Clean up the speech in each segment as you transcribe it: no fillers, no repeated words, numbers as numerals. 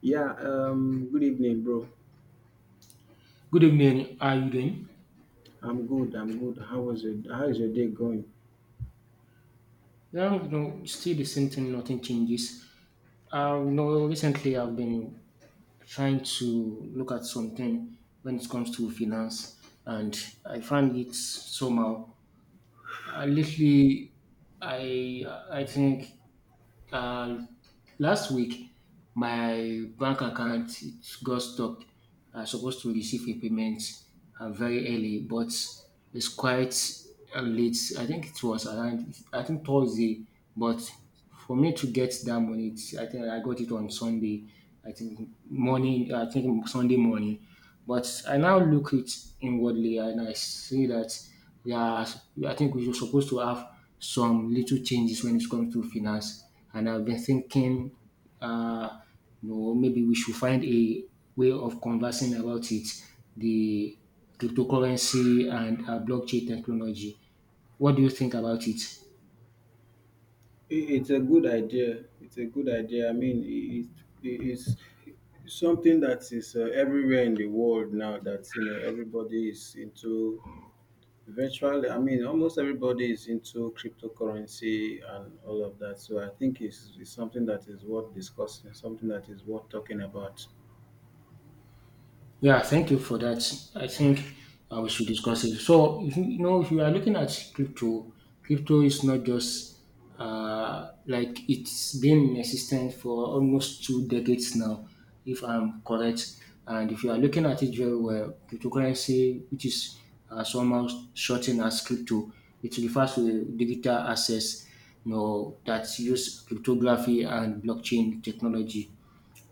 Yeah, Good evening, bro. Good evening. How are you doing? I'm good. I'm good. How was it? How is your day going? Yeah, you know, still the same thing. Nothing changes. Recently I've been trying to look at something when it comes to finance, and I find it somehow. Lately, I I think Uh, last week, my bank account it got stuck. I was supposed to receive a payment very early, but it's quite late. I think it was around, I think, Thursday, but for me to get that money, it's, I think I got it on Sunday. I think morning, I think Sunday morning. But I now look it inwardly and I see that. Yeah, as- I think we are supposed to have some little changes when it comes to finance. And I've been thinking, uh, maybe we should find a way of conversing about it, the cryptocurrency and blockchain technology. What do you think about it? It's a good idea. It's a good idea. I mean, it's something that is everywhere in the world now. That you know, everybody is into virtually. I mean, almost everybody is into cryptocurrency and all of that. So I think it's something that is worth discussing. Something that is worth talking about. Yeah, thank you for that. I think we should discuss it. So, if if you are looking at crypto, crypto is not just like, it's been in existence for almost two decades now, if I'm correct. And if you are looking at it very well, cryptocurrency, which is somehow shortened as crypto, it refers to digital assets, you know, that use cryptography and blockchain technology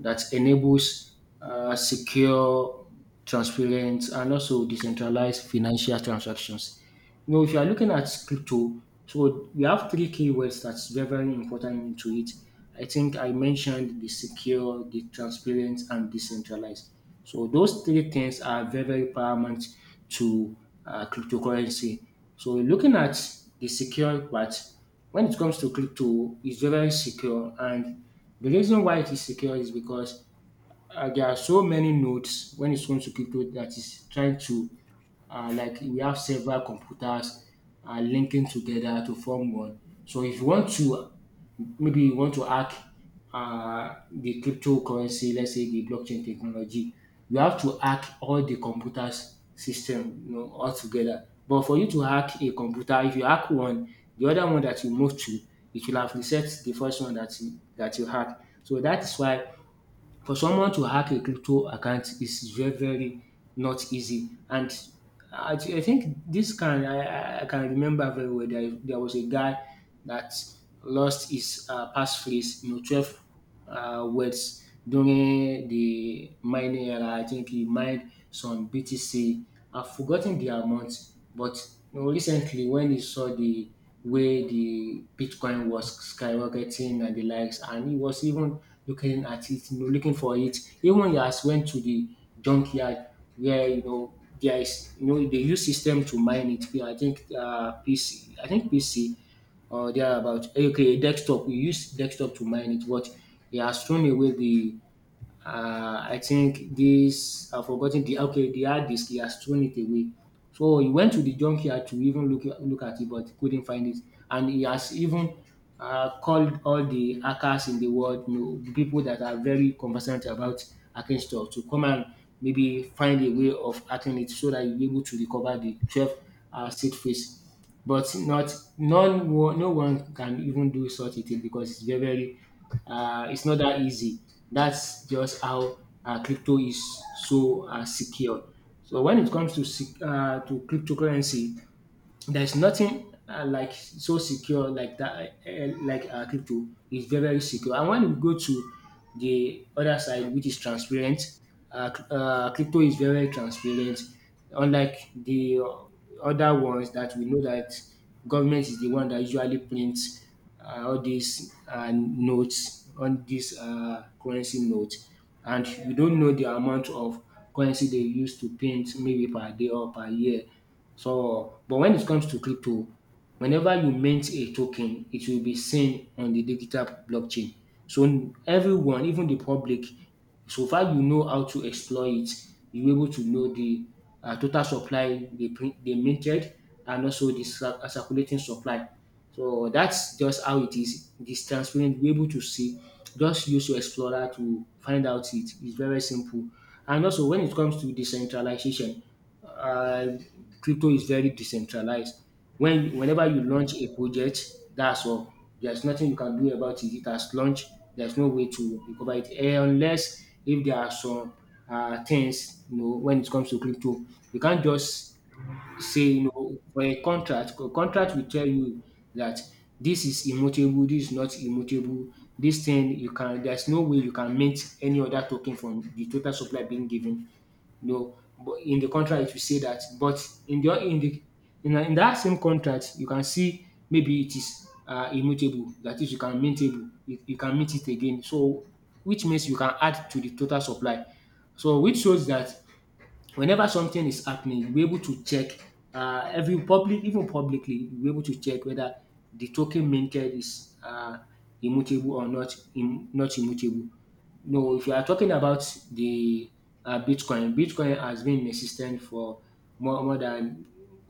that enables secure, transparent, and also decentralized financial transactions. You know, if you are looking at crypto, so we have three keywords that's very, very important into it. I think I mentioned the secure, the transparent, and decentralized. So those three things are very, very paramount to cryptocurrency. So looking at the secure part, when it comes to crypto, it's very, very secure, and the reason why it is secure is because there are so many nodes when it comes to crypto that is trying to like, we have several computers linking together to form one. So if you want to maybe you want to hack the cryptocurrency, let's say the blockchain technology, you have to hack all the computers system, you know, all together. But for you to hack a computer, if you hack one, the other one that you move to, it will have reset the first one that you hack. So that is why for someone to hack a crypto account is very, very not easy. And I, thi- I think this can I can remember very well. There was a guy that lost his passphrase, you know, 12 words during the mining era. I think he mined some BTC. I've forgotten the amount, but you know, recently, when he saw the way the Bitcoin was skyrocketing and the likes, and he was even looking at it, you know, looking for it, even he has went to the junkyard where you know there is you know they use system to mine it. I think PC, I think PC or thereabout. Okay, desktop. We use desktop to mine it, but he has thrown away the I think this I've forgotten the okay the hard disk, he has thrown it away. So he went to the junkyard to even look at it, but couldn't find it. And he has even called all the hackers in the world, you know, the people that are very conversant about hacking stuff, to come and maybe find a way of hacking it so that you're able to recover the 12 seed phrase. But not none one no one can even do such a thing because it's very very it's not that easy. That's just how crypto is so secure. So when it comes to cryptocurrency, there's nothing like so secure like that crypto is very very secure, and when we go to the other side which is transparent, crypto is very very transparent, unlike the other ones that we know, that government is the one that usually prints all these notes, all these currency notes, and you don't know the amount of currency they use to print maybe per day or per year. So, but when it comes to crypto, whenever you mint a token, it will be seen on the digital blockchain. So everyone, even the public, so far you know how to exploit it, you able to know the total supply dey print dey minted and also the circulating supply. So that's just how it is. It is transparent, you'll able to see. Just use your explorer to find out it. It's very simple. And also when it comes to decentralization, uh, crypto is very decentralized. When whenever you launch a project, that's all. There's nothing you can do about it. It has launched. There's no way to recover it eh, unless if there are some things you know when it comes to crypto. You can't just say you know for a contract. A contract will tell you that this is immutable, this is not immutable. This thing you can. There's no way you can mint any other token from the total supply being given. No, but in the contract it will say that. But in in that same contract, you can see maybe it is immutable. That is, you can maintainable. You can meet it again. So, which means you can add to the total supply. So, which shows that whenever something is happening, you'll be able to check every public, even publicly, you'll be able to check whether the token minted is immutable or not, not immutable. No, if you are talking about the Bitcoin, Bitcoin has been in existence for more than,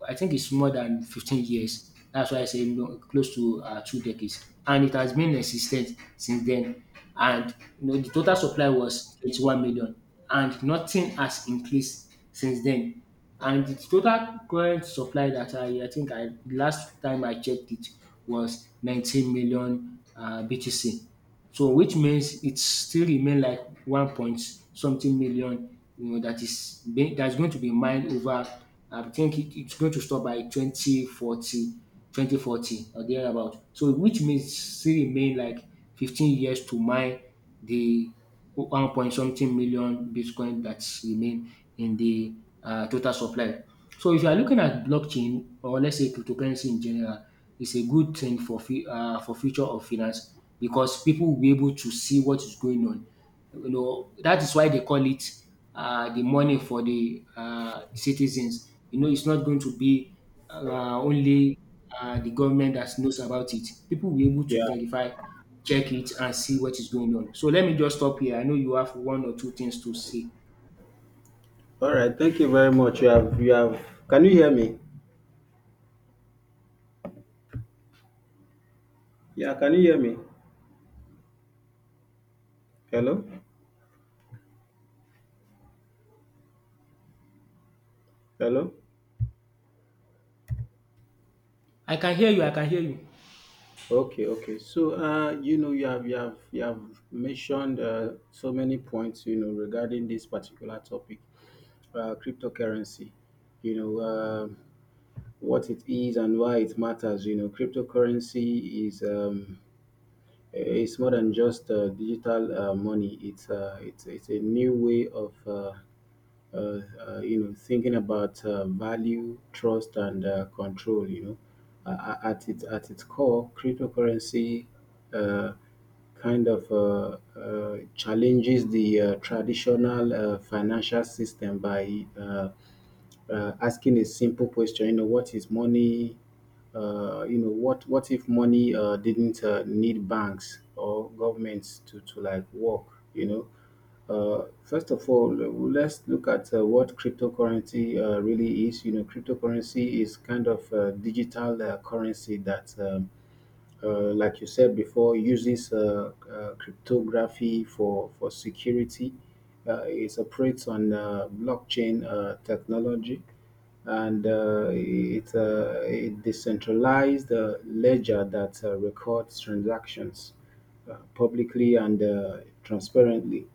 I think it's more than 15 years. That's why I say no, close to two decades. And it has been in existence since then. And you know, the total supply was 21 million. And nothing has increased since then. And the total current supply that I last time I checked it was 19 million BTC. So which means it still remain like 1. Something million, you know, that is being that's going to be mined over. I think it's going to stop by twenty forty 2040 or thereabout. So which means still remain like 15 years to mine the 1. Something million Bitcoin that remain in the total supply. So if you are looking at blockchain or let's say cryptocurrency in general, it's a good thing for for future of finance because people will be able to see what is going on. You know that is why they call it the money for the citizens. You know it's not going to be only the government that knows about it. People will be able Yeah. to verify, check it, and see what is going on. So let me just stop here. I know you have one or two things to say. All right. Thank you very much. You have. You have. Can you hear me? Yeah. Can you hear me? Hello? Hello? I can hear you. I can hear you. Okay, okay. So, you know, you have mentioned so many points, you know, regarding this particular topic, cryptocurrency. You know, what it is and why it matters. You know, cryptocurrency is it's more than just digital money. It's it's a new way of uh, you know thinking about value, trust, and control. You know, at its core, cryptocurrency. Uh, kind of challenges the traditional financial system by asking a simple question. You know, what is money? You know, what if money didn't need banks or governments to like work? You know, first of all, let's look at what cryptocurrency really is. You know, cryptocurrency is kind of a digital currency that. Like you said before, uses cryptography for security. It operates on blockchain technology, and it decentralized ledger that records transactions publicly and transparently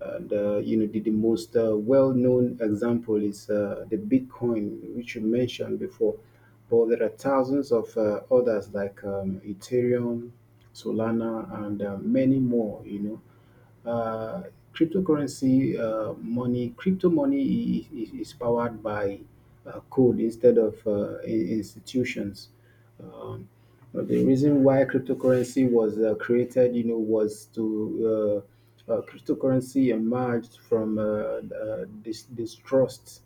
and you know the most well-known example is the bitcoin, which you mentioned before, but there are thousands of others like ethereum, solana, and many more, you know. Cryptocurrency money crypto money is powered by code instead of institutions. um, but the reason why cryptocurrency was created, you know, was to cryptocurrency emerged from distrust,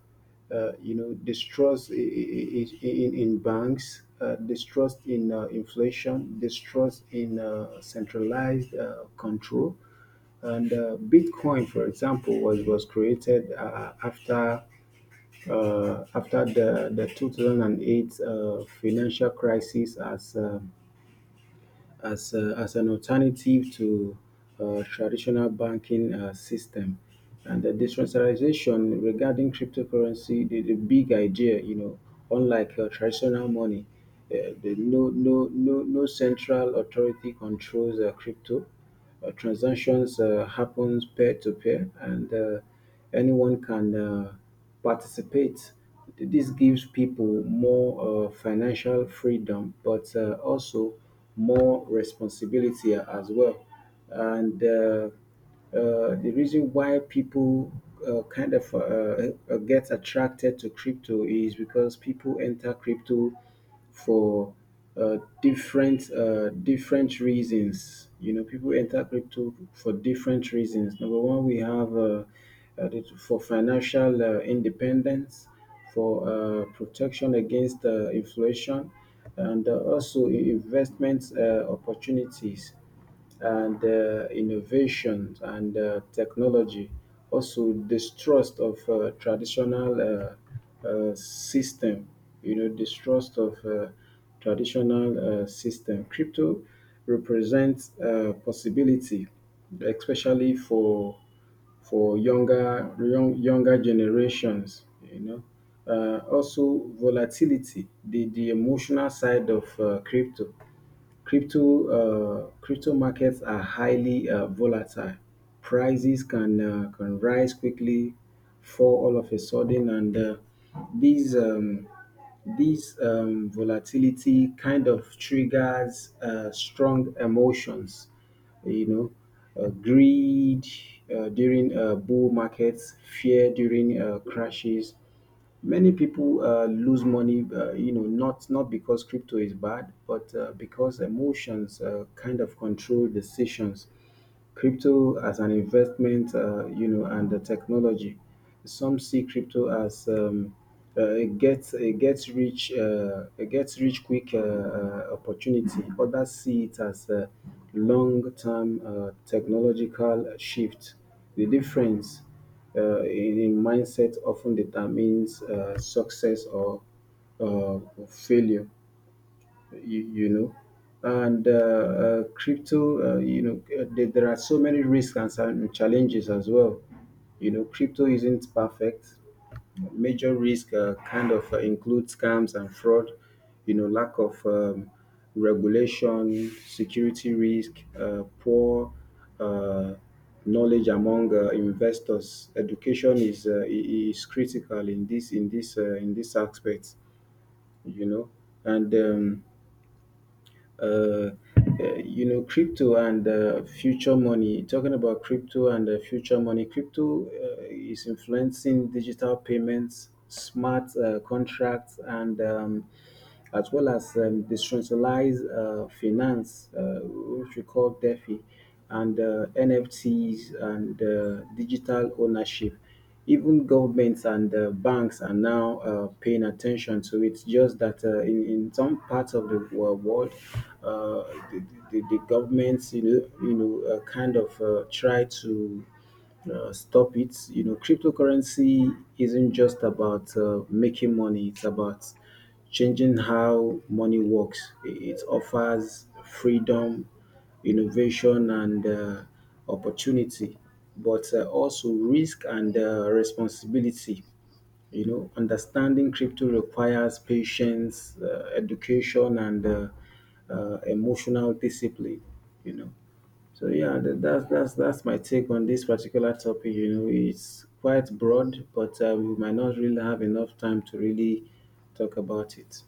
you know, distrust in banks, distrust in inflation, distrust in centralized control. And Bitcoin, for example, was created after after the 2008 financial crisis as, as an alternative to traditional banking system. And the decentralization regarding cryptocurrency, the big idea, you know, unlike traditional money, the no central authority controls crypto transactions happens peer to peer, and anyone can participate. This gives people more financial freedom, but also more responsibility as well. And the reason why people kind of get attracted to crypto is because people enter crypto for different reasons. You know, people enter crypto for different reasons. Number one, we have for financial independence, for protection against inflation, and also investment opportunities and innovations and technology. Also, distrust of traditional system. You know, distrust of traditional system. Crypto represents possibility, especially for younger generations. You know, also volatility, the emotional side of crypto. Crypto markets are highly volatile. Prices can rise quickly, fall all of a sudden, and these um, these volatility kind of triggers strong emotions. You know, greed during bull markets, fear during crashes. Many people lose money, you know, not because crypto is bad, but because emotions kind of control decisions. Crypto as an investment, you know, and the technology. Some see crypto as it gets rich quick opportunity. Others see it as a long term technological shift. The difference a mindset often determines success or uh, failure, you know. And crypto, you know, there are so many risks and some challenges as well. You know, crypto isn't perfect. Major risk kind of include scams and fraud, you know, lack of regulation, security risk, poor uh, knowledge among investors. Education is is critical in this in this aspect, you know, and. Uh, you know, crypto and future money. Talking about crypto and future money, crypto is influencing digital payments, smart contracts, and as well as decentralized finance, which we call DeFi, and NFTs and digital ownership. Even governments and banks are now paying attention to it. Just that in some parts of the world, uh, the, the governments, you know, kind of try to stop it. You know, cryptocurrency isn't just about making money; it's about changing how money works. It offers freedom, innovation, and opportunity, but also risk and responsibility. You know, understanding crypto requires patience, education, and emotional discipline. You know. So yeah, that's that's my take on this particular topic. You know, it's quite broad, but we might not really have enough time to really talk about it.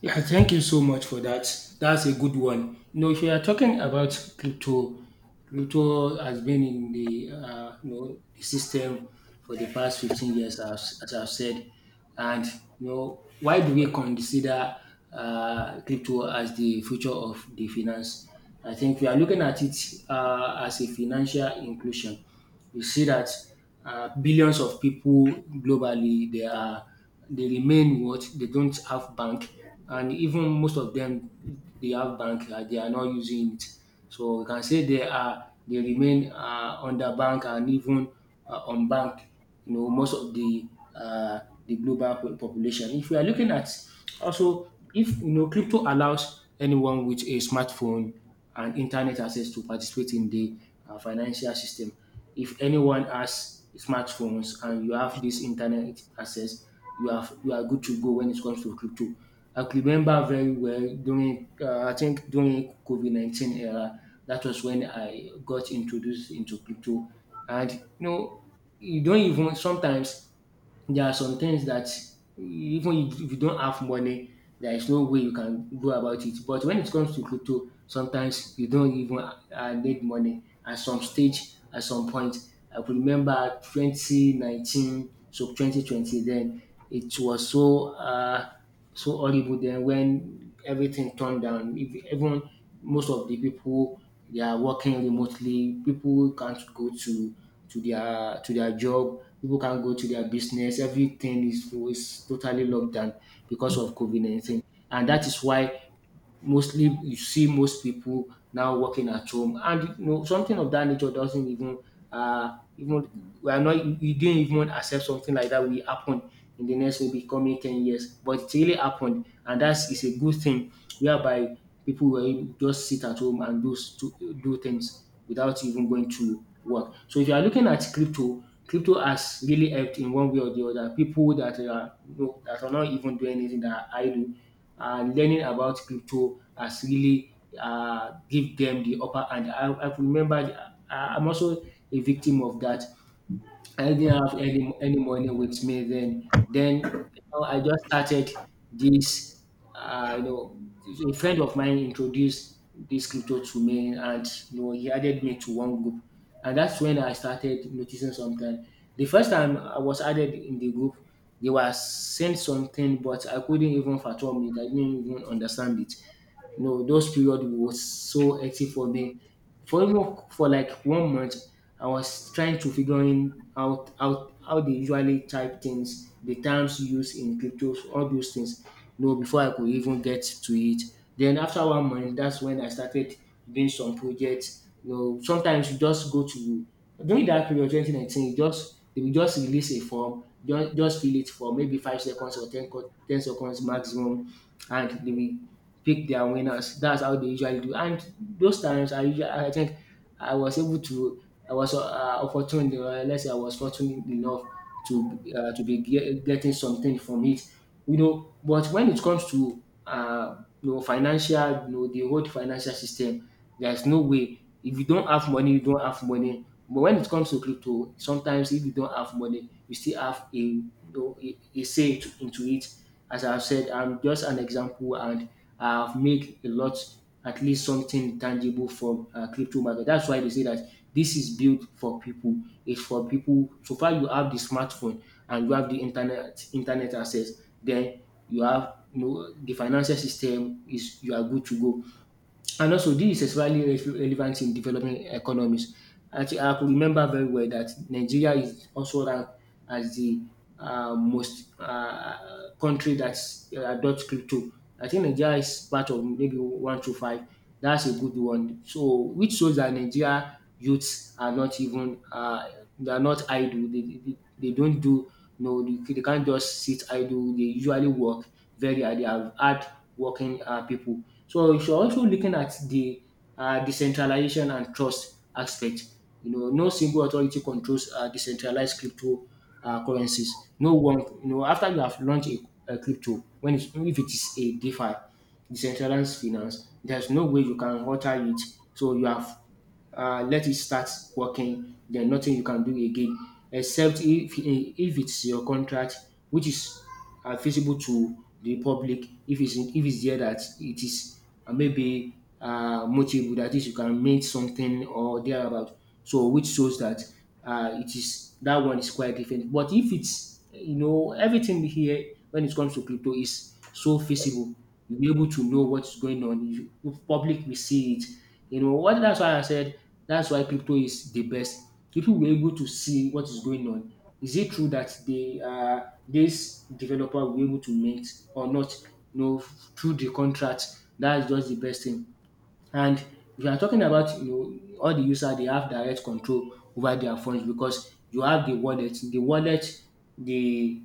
Yeah, thank you so much for that. That's a good one. You know, if you are talking about crypto, crypto has been in the you know the system for the past 15 years, as I've said. And you know, why do we consider crypto as the future of the finance? I think we are looking at it as a financial inclusion. You see that billions of people globally they are they remain what? They don't have bank. And even most of them, they have bank, they are not using it. So we can say they are they remain underbanked and even unbanked. You know, most of uh, the global population. If we are looking at also if you know crypto allows anyone with a smartphone and internet access to participate in the financial system. If anyone has smartphones and you have this internet access, you have you are good to go when it comes to crypto. I could remember very well during I think during COVID 19 era. That was when I got introduced into crypto, and you know you don't even sometimes there are some things that even if you don't have money, there is no way you can go about it. But when it comes to crypto, sometimes you don't even need money. At some stage, at some point, I could remember 2019, so 2020 then, it was so so horrible then when everything turned down. Even most of the people they are working remotely. People can't go to their job. People can't go to their business. Everything is totally locked down because of COVID COVID-19, and that is why mostly you see most people now working at home, and you know something of that nature doesn't even — even we are not we didn't even accept something like that will happen in the next maybe coming 10 years. But it really happened, and that's is a good thing whereby people will just sit at home and do things without even going to work. So if you are looking at crypto, has really helped in one way or the other people that are, you know, that are not even doing anything that I do. Learning about crypto has really give them the upper hand. I remember I'm also a victim of that. I didn't have any money with me then. Then, I just started this. Uh, you know, a friend of mine introduced this crypto to me, and you know, he added me to one group, and that's when I started noticing something. The first time I was added in the group, they were saying something, but I couldn't even fathom it. I didn't even understand it. You know, those period was so hectic for me for almost for like one month. I was trying to figuring out how they usually type things, the terms used in crypto, all those things, you know, before I could even get to it. Then after one month, that's when I started doing some projects. You know, sometimes you just go to — during that period, 2019, you just — they will just release a form, just fill it for maybe 5 seconds or 10 seconds maximum, and they will pick their winners. That's how they usually do. And those times I usually, I think, I was able to — I was opportune, let's say I was fortunate enough to getting something from it. You know, but when it comes to you know, financial, you know, the whole financial system, there's no way. If you don't have money, you don't have money. But when it comes to crypto, sometimes if you don't have money, you still have a, you know, a say to, into it. As I've said, I'm just an example, and I've made a lot, at least something tangible from crypto market. That's why they say that this is built for people. It's for people. So far, you have the smartphone and you have the internet access. Then you have, you know, the financial system is, you are good to go. And also, this is especially relevant in developing economies. I could remember very well that Nigeria is also ranked as the most country that adopts crypto. I think Nigeria is part of maybe one to five. That's a good one. So, which shows that Nigeria youths are not even they are not idle. They don't do no. They can't just sit idle. They usually work very hard. They have had working people. So you should also looking at the decentralization and trust aspect. You know, no single authority controls decentralized crypto currencies. No one. You know, after you have launched a crypto, when it's — if it is a DeFi, decentralized finance, there's no way you can alter it. So you have — let it start working. There's nothing you can do again, except if it's your contract, which is visible to the public. If it's there that it is, maybe multiple, that is, you can make something or thereabout. So which shows that it is, that one is quite different. But if it's, you know, everything here when it comes to crypto is so visible, you'll be able to know what's going on. You, the public will see it, you know what, that's why I said — that's why crypto is the best. People were able to see what is going on. Is it true that they this developer will be able to mint or not? You know, through the contract, that is just the best thing. And we are talking about, you know, all the users, they have direct control over their funds because you have the wallet. The wallet, the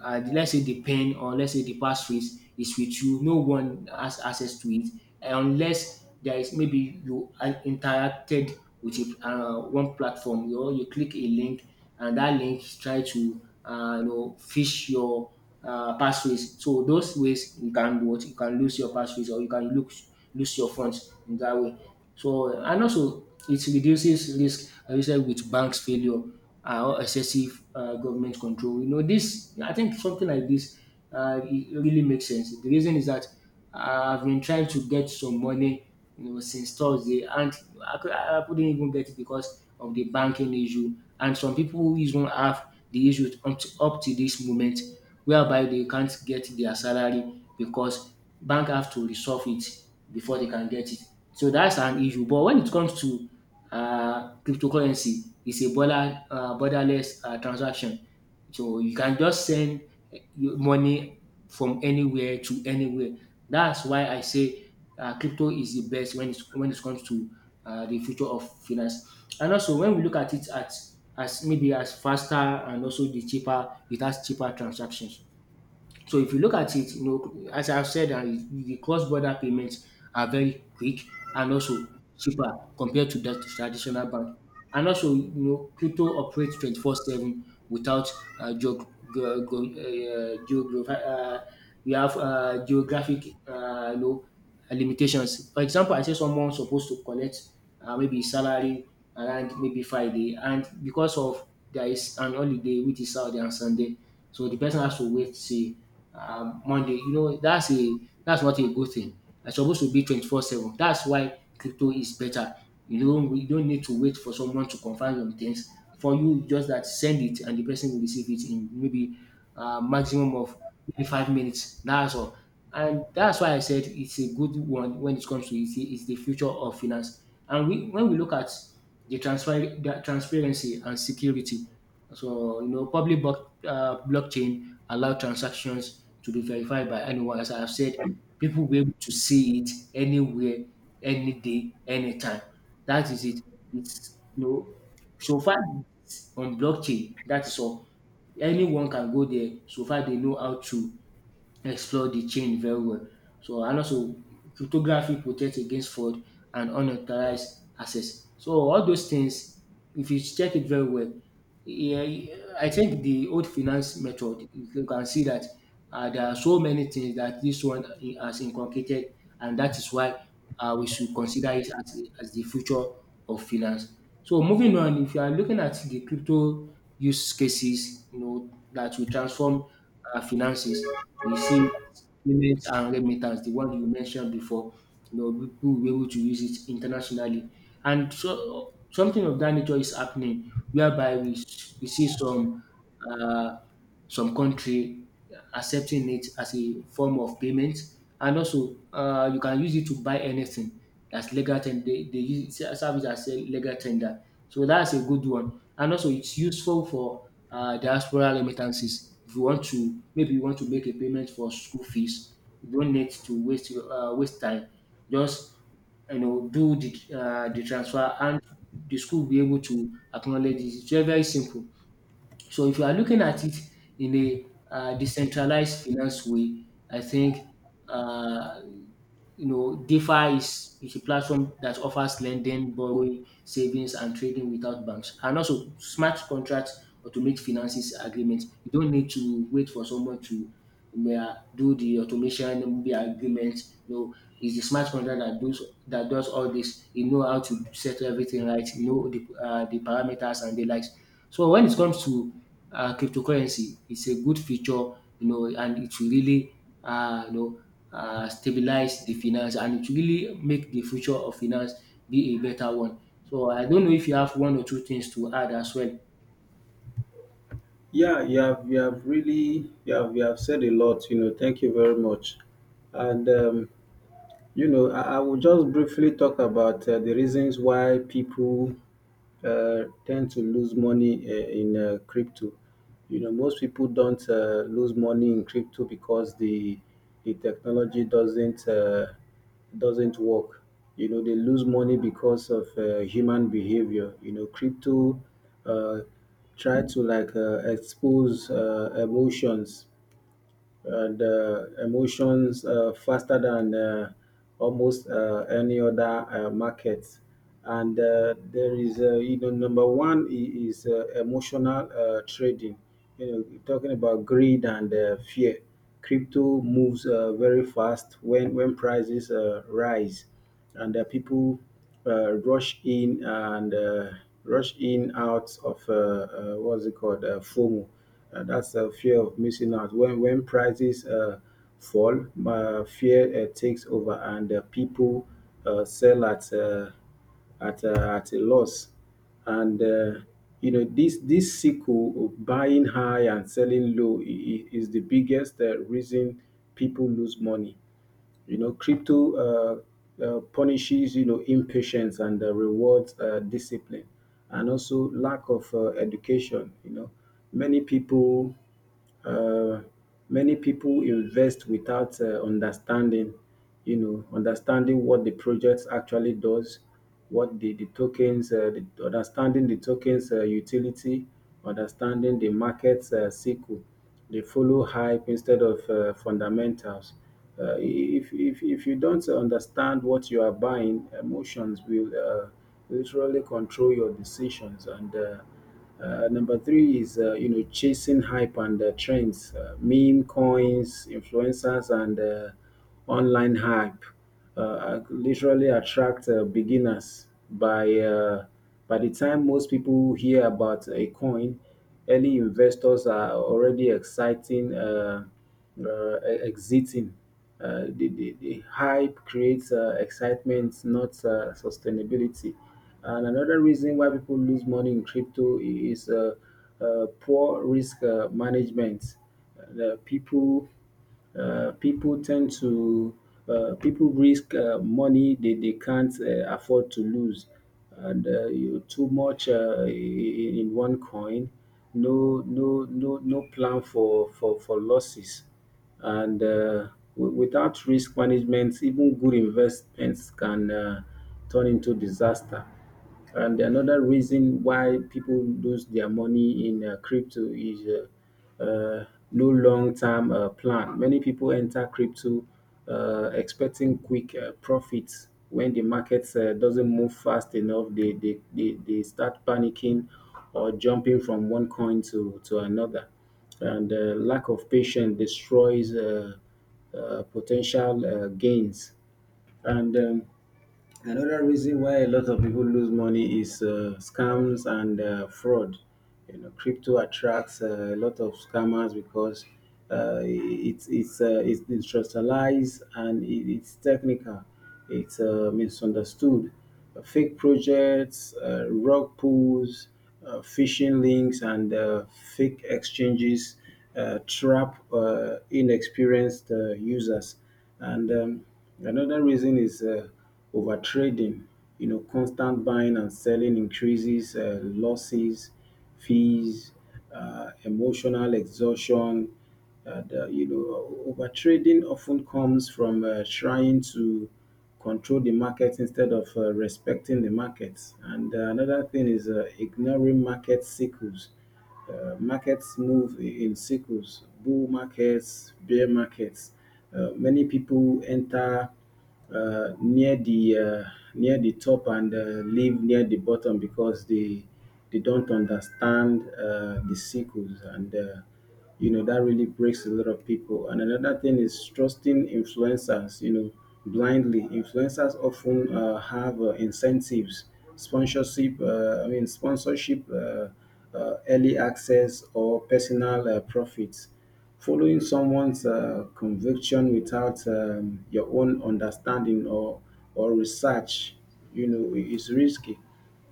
let's say the pen, or let's say the passphrase is with you. No one has access to it unless there is maybe you are interacted with a, one platform. You know, you click a link, and that link try to you know, fish your passphrase. So those ways you can do — what, you can lose your passphrase, or you can lose your funds in that way. So and also it reduces risk associated with banks failure or excessive government control. You know this. I think something like this it really makes sense. The reason is that I've been trying to get some money, you know, since Thursday, and I couldn't even get it because of the banking issue. And some people who even have the issue up to this moment, whereby they can't get their salary because bank have to resolve it before they can get it. So that's an issue. But when it comes to cryptocurrency, it's a borderless transaction. So you can just send your money from anywhere to anywhere. That's why I say crypto is the best when it comes to the future of finance. And also when we look at it at as maybe as faster and also the cheaper, it has cheaper transactions. So if you look at it, you know, as I've said, the cross-border payments are very quick and also cheaper compared to that traditional bank. And also, you know, crypto operates 24/7 without uh, geog- ge- ge- uh, geograph- uh, you have geographic, you know, limitations. For example, I say someone supposed to collect maybe salary around maybe Friday, and because of there is an holiday which is Saturday and Sunday, so the person has to wait, see, Monday. You know, that's a — that's what a good thing. It's supposed to be 24/7. That's why crypto is better. You don't need to wait for someone to confirm your things for you. Just that send it, and the person will receive it in maybe maximum of maybe 5 minutes. That's all. And that's why I said it's a good one when it comes to — it's the future of finance. And we, when we look at the transfer, the transparency and security, so you know, public block, blockchain allow transactions to be verified by anyone. As I have said, people will be able to see it anywhere, any day, anytime. That is it. It's, you know, so far it's on blockchain. That is all. Anyone can go there. So far they know how to explore the chain very well. So and also cryptography protects against fraud and unauthorized access. So all those things, if you check it very well, yeah, I think the old finance method, you can see that there are so many things that this one has inculcated, and that is why we should consider it as the future of finance. So moving on, if you are looking at the crypto use cases, you know, that will transform finances, we see payments and remittance, the one you mentioned before, you know, people will be able to use it internationally. And so something of that nature is happening, whereby we see uh, some country accepting it as a form of payment. And also, you can use it to buy anything that's legal tender. They use it, service as a legal tender. So that's a good one. And also, it's useful for diaspora remittances. If you want to, maybe you want to make a payment for school fees, you don't need to waste your waste time. Just, you know, do the transfer, and the school will be able to acknowledge it. It's very very simple. So if you are looking at it in a decentralized finance way, I think uh, DeFi is a platform that offers lending, borrowing, savings, and trading without banks, and also smart contracts automate finances agreements. You don't need to wait for someone to do the automation maybe agreement. You know, it's the smart contract that does all this. You know how to settle everything right. You know the parameters and the likes. So when it comes to cryptocurrency, it's a good feature, you know, and it will really uh, you know stabilize the finance, and it will really make the future of finance be a better one. So I don't know if you have one or two things to add as well. Yeah, you have said a lot. You know, thank you very much, and you know, I will just briefly talk about the reasons why people tend to lose money in crypto. You know, most people don't lose money in crypto because the technology doesn't work. You know, they lose money because of human behavior. You know, crypto uh, try to like expose emotions and emotions faster than almost any other market. And you know, number one is emotional trading. You know, talking about greed and fear. Crypto moves very fast when prices rise and people rush in and rush in out of what's it called, FOMO. That's a fear of missing out. When prices fall, fear takes over, and people sell at at a loss. And you know this this cycle of buying high and selling low is the biggest reason people lose money. You know, crypto punishes, you know, impatience and rewards discipline and also lack of education. You know, many people uh, many people invest without understanding, you know, understanding what the project actually does, what understanding the tokens utility, understanding the market's cycle. They follow hype instead of fundamentals. If you don't understand what you are buying, emotions will literally control your decisions. And number three is you know chasing hype and trends, meme coins, influencers, and online hype literally attract beginners. By by the time most people hear about a coin, early investors are already exiting. The hype creates excitement, not sustainability. And another reason why people lose money in crypto is poor risk management. The people people tend to people risk money they can't afford to lose, and you too much in one coin, no plan for for losses. And without risk management, even good investments can turn into disaster. And another reason why people lose their money in crypto is no long-term plan. Many people enter crypto expecting quick profits. When the market doesn't move fast enough, they start panicking or jumping from one coin to another. And lack of patience destroys potential gains. And another reason why a lot of people lose money is scams and fraud. You know, crypto attracts a lot of scammers because it's decentralized, and it's technical. It's misunderstood. Fake projects, rug pulls, phishing links, and fake exchanges trap inexperienced users. And another reason is overtrading. You know, constant buying and selling increases losses, fees, emotional exhaustion. You know, overtrading often comes from trying to control the market instead of respecting the market. And another thing is ignoring market cycles. Markets move in cycles, bull markets, bear markets. Many people enter uh, near the uh, near the top and leave near the bottom because they don't understand the cycles, and you know that really breaks a lot of people. And another thing is trusting influencers, you know, blindly. Influencers often have incentives, sponsorship I mean sponsorship, early access, or personal profits. Following someone's conviction without your own understanding or research, you know, is risky.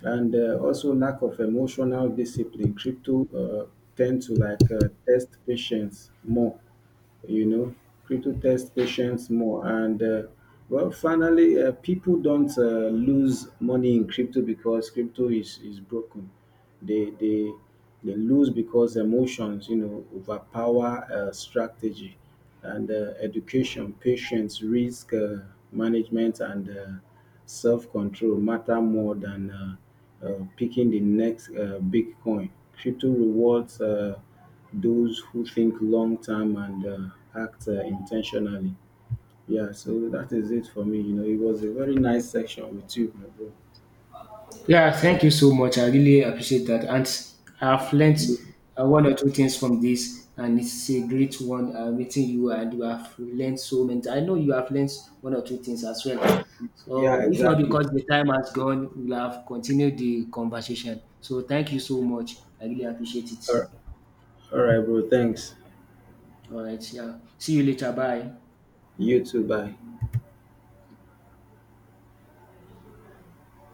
And also lack of emotional discipline. Crypto tend to like test patience more, you know. Crypto test patience more, and well, finally, people don't lose money in crypto because crypto is broken. They they they lose because emotions, you know, overpower strategy, and education, patience, risk management, and self-control matter more than picking the next big coin. Crypto rewards those who think long term and act intentionally. Yeah, so that is it for me. You know, it was a very nice section with you, my bro. Yeah, thank you so much. I really appreciate that. And I've learnt one or two things from this, and it's a great one meeting you. And you have learned so many. I know you have learned one or two things as well. Yeah, So, if not exactly. because the time has gone, we'll have continued the conversation. So, thank you so much. I really appreciate it. All right, all right bro. Thanks. All right. Yeah. See you later. Bye. You too. Bye.